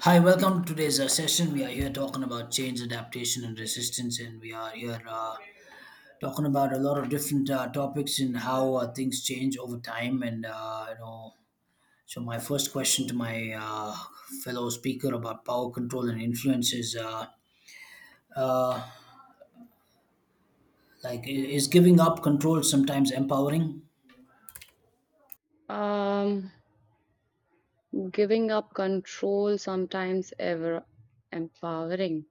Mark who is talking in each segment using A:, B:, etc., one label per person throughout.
A: Hi, welcome to today's session. We are here talking about change, adaptation, and resistance, and we are here talking about a lot of different topics and how things change over time. So my first question to my fellow speaker about power control and influence is, uh, like, i- is giving up control sometimes empowering?
B: Um, giving up control sometimes ever empowering.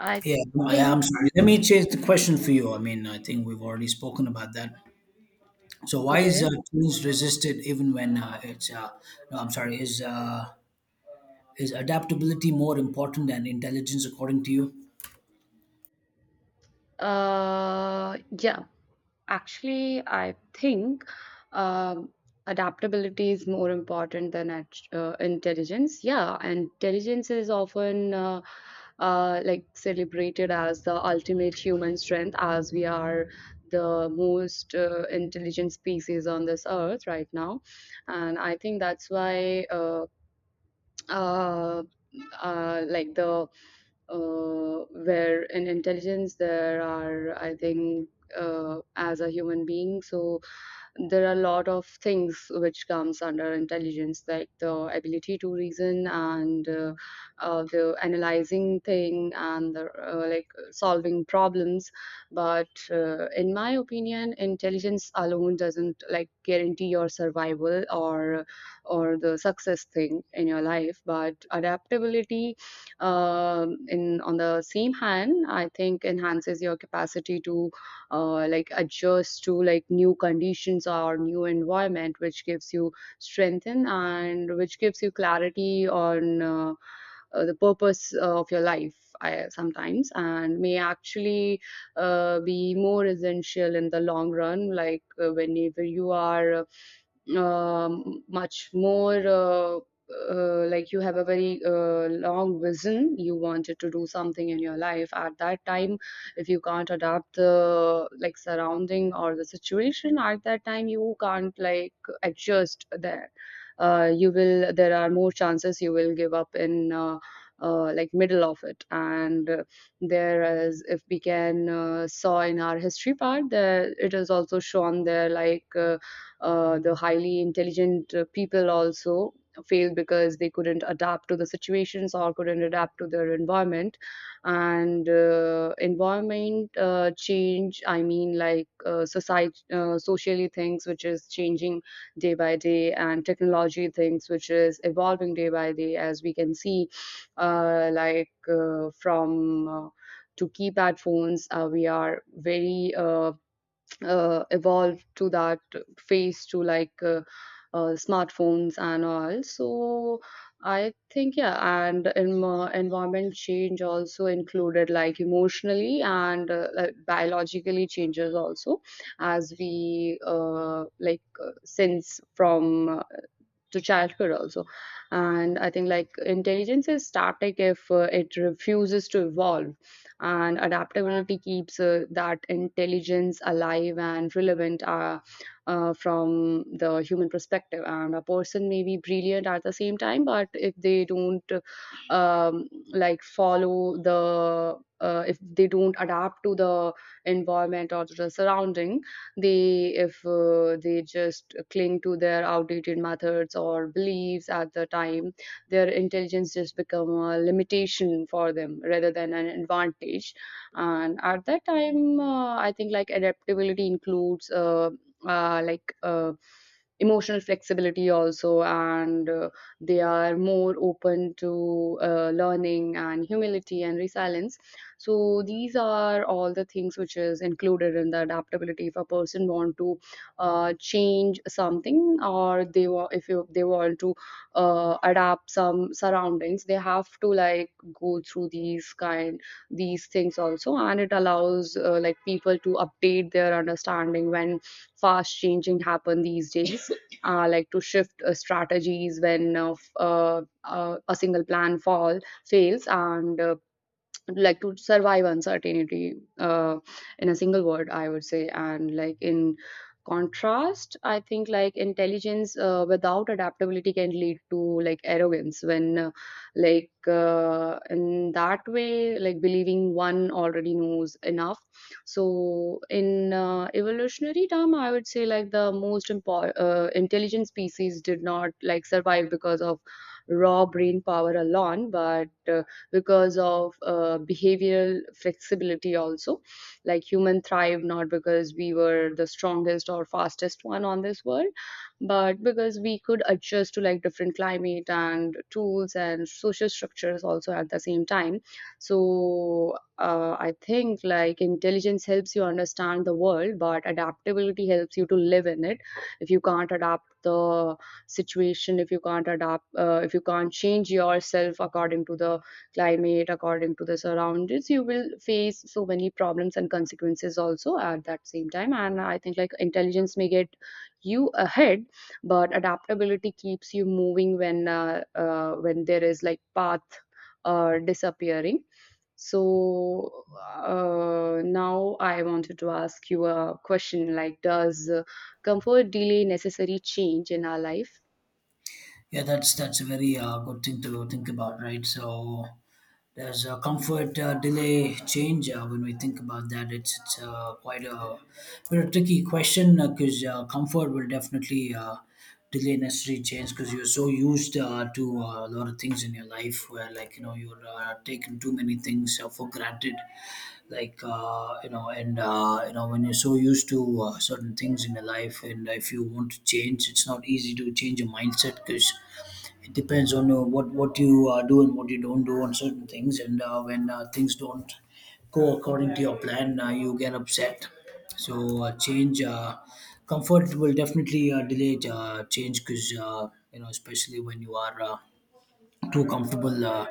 B: I
A: Yeah, no, yeah,
B: think,
A: I'm sorry. Let me change the question for you. I mean, I think we've already spoken about that. So why is
B: okay.
A: change resisted even when it's? No, I'm sorry. Is adaptability more important than intelligence according to you?
B: Yeah, actually, I think um, adaptability is more important than intelligence. Yeah, and intelligence is often like celebrated as the ultimate human strength, as we are the most intelligent species on this earth right now. And I think that's why, uh, like the where in intelligence there are I think, as a human being, so there are a lot of things which comes under intelligence, like the ability to reason and the analyzing thing and like solving problems, but in my opinion intelligence alone doesn't like guarantee your survival or the success thing in your life, but adaptability in on the same hand I think enhances your capacity to like adjust to like new conditions or new environment, which gives you strength and which gives you clarity on the purpose of your life. I, sometimes and may actually be more essential in the long run, like whenever you are much more like you have a very long vision, you wanted to do something in your life at that time. If you can't adapt the like surrounding or the situation at that time, you can't like adjust there. You will, there are more chances you will give up in like middle of it, and there is if we can saw in our history part there, it is also shown there like the highly intelligent people also failed because they couldn't adapt to the situations or couldn't adapt to their environment. And environment change, I mean, like society socially things which is changing day by day, and technology things which is evolving day by day, as we can see from to keypad phones, we are very evolved to that phase to like smartphones and all. So I think, yeah, and in, environment change also included like emotionally and like, biologically changes also, as we sense from to childcare also. And I think like intelligence is static if it refuses to evolve, and adaptability keeps that intelligence alive and relevant from the human perspective, and a person may be brilliant at the same time, but if they don't um, like follow the if they don't adapt to the environment or to the surrounding, they, if they just cling to their outdated methods or beliefs at the time, their intelligence just become a limitation for them rather than an advantage. And at that time, I think like adaptability includes uh, like uh, emotional flexibility also, and they are more open to learning and humility and resilience. So these are all the things which is included in the adaptability. If a person want to change something or they want, if you, they want to adapt some surroundings, they have to like go through these kind, these things also, and it allows like people to update their understanding when fast changing happen these days like to shift strategies when a single plan fall fails, and like to survive uncertainty, in a single word I would say. And like in contrast I think like intelligence without adaptability can lead to like arrogance when in that way like believing one already knows enough. So in evolutionary term I would say like the most important intelligent species did not like survive because of raw brain power alone, but because of behavioral flexibility also. Like human thrive not because we were the strongest or fastest one on this world, but because we could adjust to like different climate and tools and social structures also at the same time. So I think like intelligence helps you understand the world, but adaptability helps you to live in it. If you can't adapt the situation, if you can't adapt, if you can't change yourself according to the climate, according to the surroundings, you will face so many problems and consequences also at that same time. And I think like intelligence may get you ahead, but adaptability keeps you moving when there is like path disappearing. So now I wanted to ask you a question like, does comfort delay necessary change in our life?
A: Yeah, that's a very good thing to think about, right? So there's a comfort delay change when we think about that. It's quite a bit of tricky question because comfort will definitely delay necessary change because you're so used to a lot of things in your life where, like, you know, you're taking too many things for granted, like, you know, when you're so used to certain things in your life, and if you want to change, it's not easy to change your mindset because it depends on what you do and what you don't do on certain things. And when things don't go according to your plan, you get upset. So change comfort will definitely delay change, because you know, especially when you are too comfortable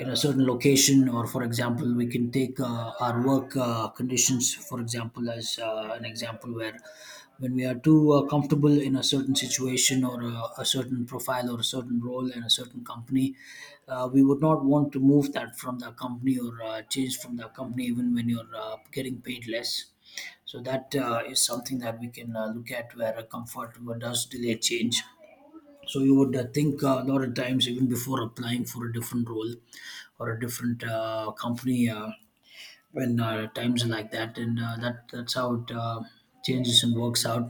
A: in a certain location. Or, for example, we can take our work conditions, for example, as an example, where when we are too comfortable in a certain situation or a certain profile or a certain role in a certain company, we would not want to move that from the company or change from the company even when you're getting paid less. So that is something that we can look at, where a comfort does delay change. So you would think a lot of times even before applying for a different role or a different company when times are like that. And that's how it changes and works out.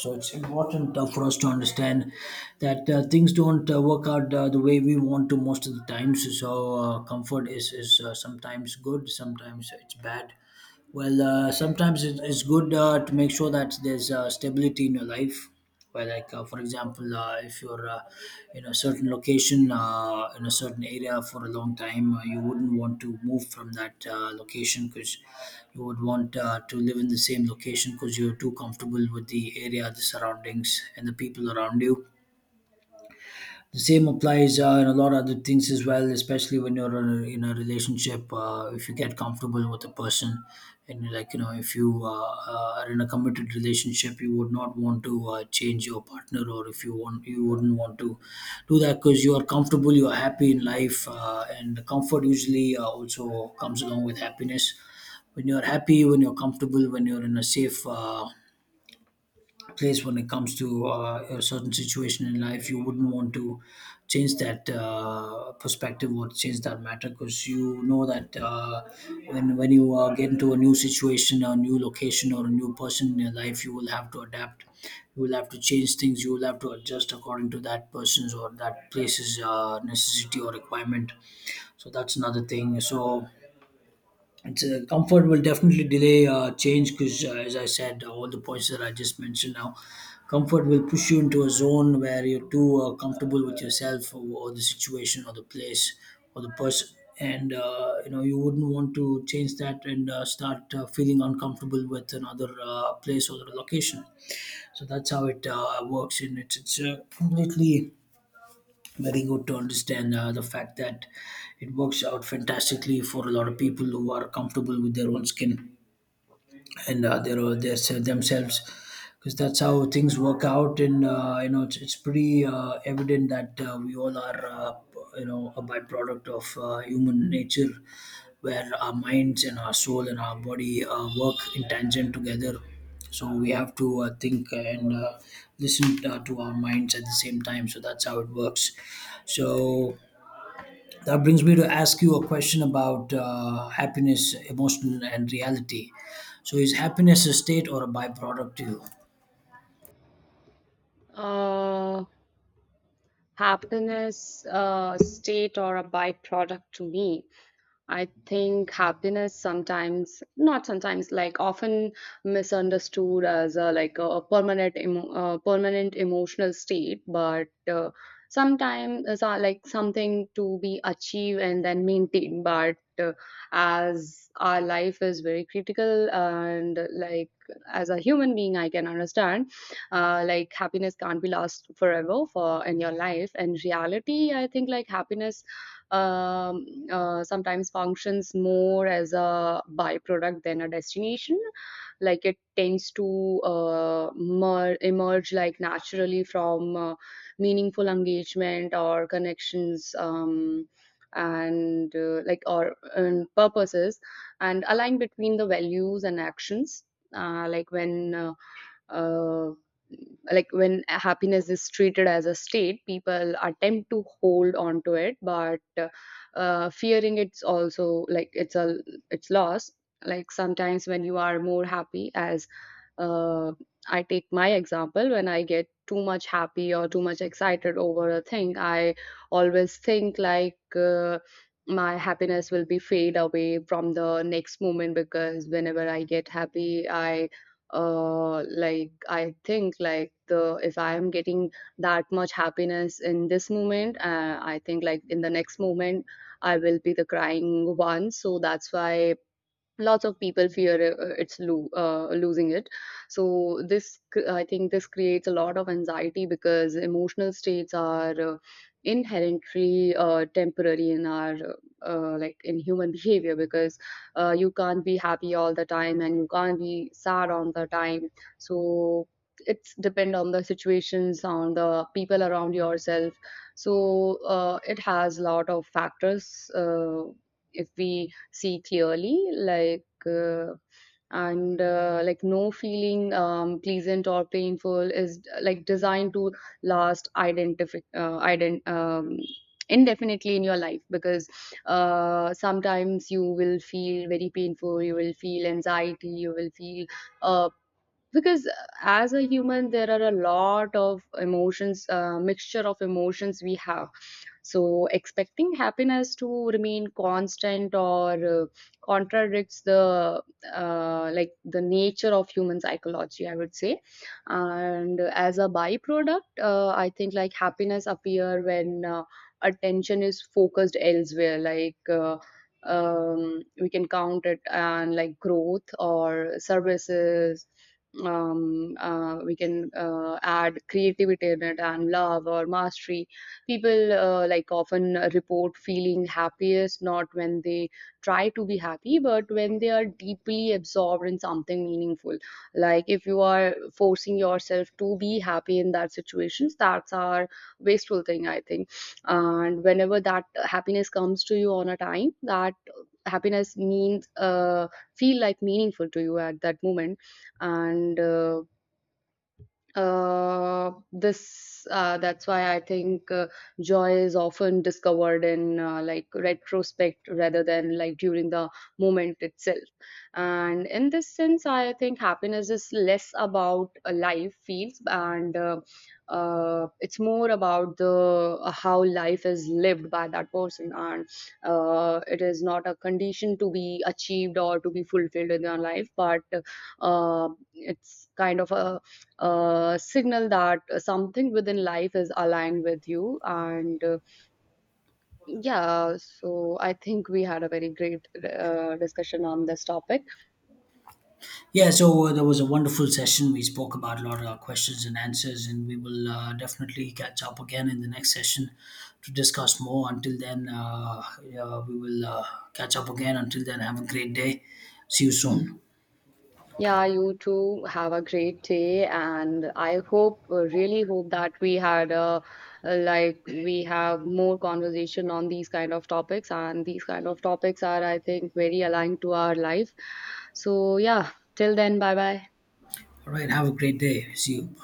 A: So it's important for us to understand that things don't work out the way we want to most of the times. So comfort is sometimes good, sometimes it's bad. Well, sometimes it's good to make sure that there's stability in your life. Where, like, for example, if you're in a certain location, in a certain area for a long time, you wouldn't want to move from that location because you would want to live in the same location because you're too comfortable with the area, the surroundings, and the people around you. The same applies in a lot of other things as well, especially when you're in a relationship. If you get comfortable with a person, and, like, you know, if you are in a committed relationship, you would not want to change your partner, or if you want, you wouldn't want to do that, because you are comfortable, you are happy in life, and comfort usually also comes along with happiness. When you're happy, when you're comfortable, when you're in a safe. Place when it comes to a certain situation in life, you wouldn't want to change that perspective or change that matter, because you know that when you get into a new situation, a new location, or a new person in your life, you will have to adapt. You will have to change things. You will have to adjust according to that person's or that place's necessity or requirement. So that's another thing. So it's comfort will definitely delay change, because as I said, all the points that I just mentioned now, comfort will push you into a zone where you're too comfortable with yourself, or the situation, or the place, or the person. And you know, you wouldn't want to change that and start feeling uncomfortable with another place or location. So that's how it works, and it's completely very good to understand the fact that it works out fantastically for a lot of people who are comfortable with their own skin and their themselves, because that's how things work out. And you know, it's pretty evident that we all are you know, a byproduct of human nature, where our minds and our soul and our body work in tangent together. So we have to think and listen to our minds at the same time. So that's how it works. So that brings me to ask you a question about happiness, emotional, and reality. So is happiness a state or a byproduct to you?
B: Uh, Happiness, a state or a byproduct to me. I think happiness sometimes, not sometimes, like often misunderstood as a like a permanent emotional state, but sometimes it's so, like something to be achieved and then maintained. But as our life is very critical and like as a human being, I can understand like happiness can't be last forever for in your life. And reality, I think like happiness sometimes functions more as a byproduct than a destination, like it tends to emerge like naturally from meaningful engagement or connections, and like or and purposes and align between the values and actions. Uh, like when uh, uh, like when happiness is treated as a state, people attempt to hold on to it, but fearing it's also like it's loss. Like sometimes when you are more happy as uh, I take my example, when I get too much happy or too much excited over a thing, I always think like my happiness will be fade away from the next moment. Because whenever I get happy, I like I think like the if I am getting that much happiness in this moment, I think like in the next moment I will be the crying one, so that's why lots of people fear losing it. So I think this creates a lot of anxiety because emotional states are inherently temporary in our like in human behavior, because you can't be happy all the time and you can't be sad all the time. So it's depend on the situations, on the people around yourself. So it has a lot of factors, if we see clearly like, and like no feeling, pleasant or painful, is like designed to last identify ident indefinitely in your life, because sometimes you will feel very painful, you will feel anxiety, you will feel uh, because as a human there are a lot of emotions, mixture of emotions we have. So, expecting happiness to remain constant or contradicts the like the nature of human psychology, I would say. And as a byproduct, I think like happiness appear when attention is focused elsewhere, like. We can count it and like growth or services, we can add creativity in it, and love or mastery. People like often report feeling happiest not when they try to be happy, but when they are deeply absorbed in something meaningful. Like if you are forcing yourself to be happy in that situations, that's our wasteful thing I think. And whenever that happiness comes to you on a time, that happiness means, feel like, meaningful to you at that moment, and this that's why I think joy is often discovered in like retrospect rather than like during the moment itself. And in this sense, I think happiness is less about life feels, and it's more about the how life is lived by that person, and it is not a condition to be achieved or to be fulfilled in your life, but uh, it's kind of a signal that something within life is aligned with you. And yeah, so I think we had a very great discussion on this topic.
A: Yeah, so that was a wonderful session. We spoke about a lot of our questions and answers, and we will definitely catch up again in the next session to discuss more. Until then, yeah, we will catch up again. Until then, have a great day. See you soon.
B: Yeah, you too have a great day, and I hope, really hope that we had a like we have more conversation on these kind of topics, and these kind of topics are, I think, very aligned to our life. So yeah, till then, bye bye.
A: All right, have a great day. See you.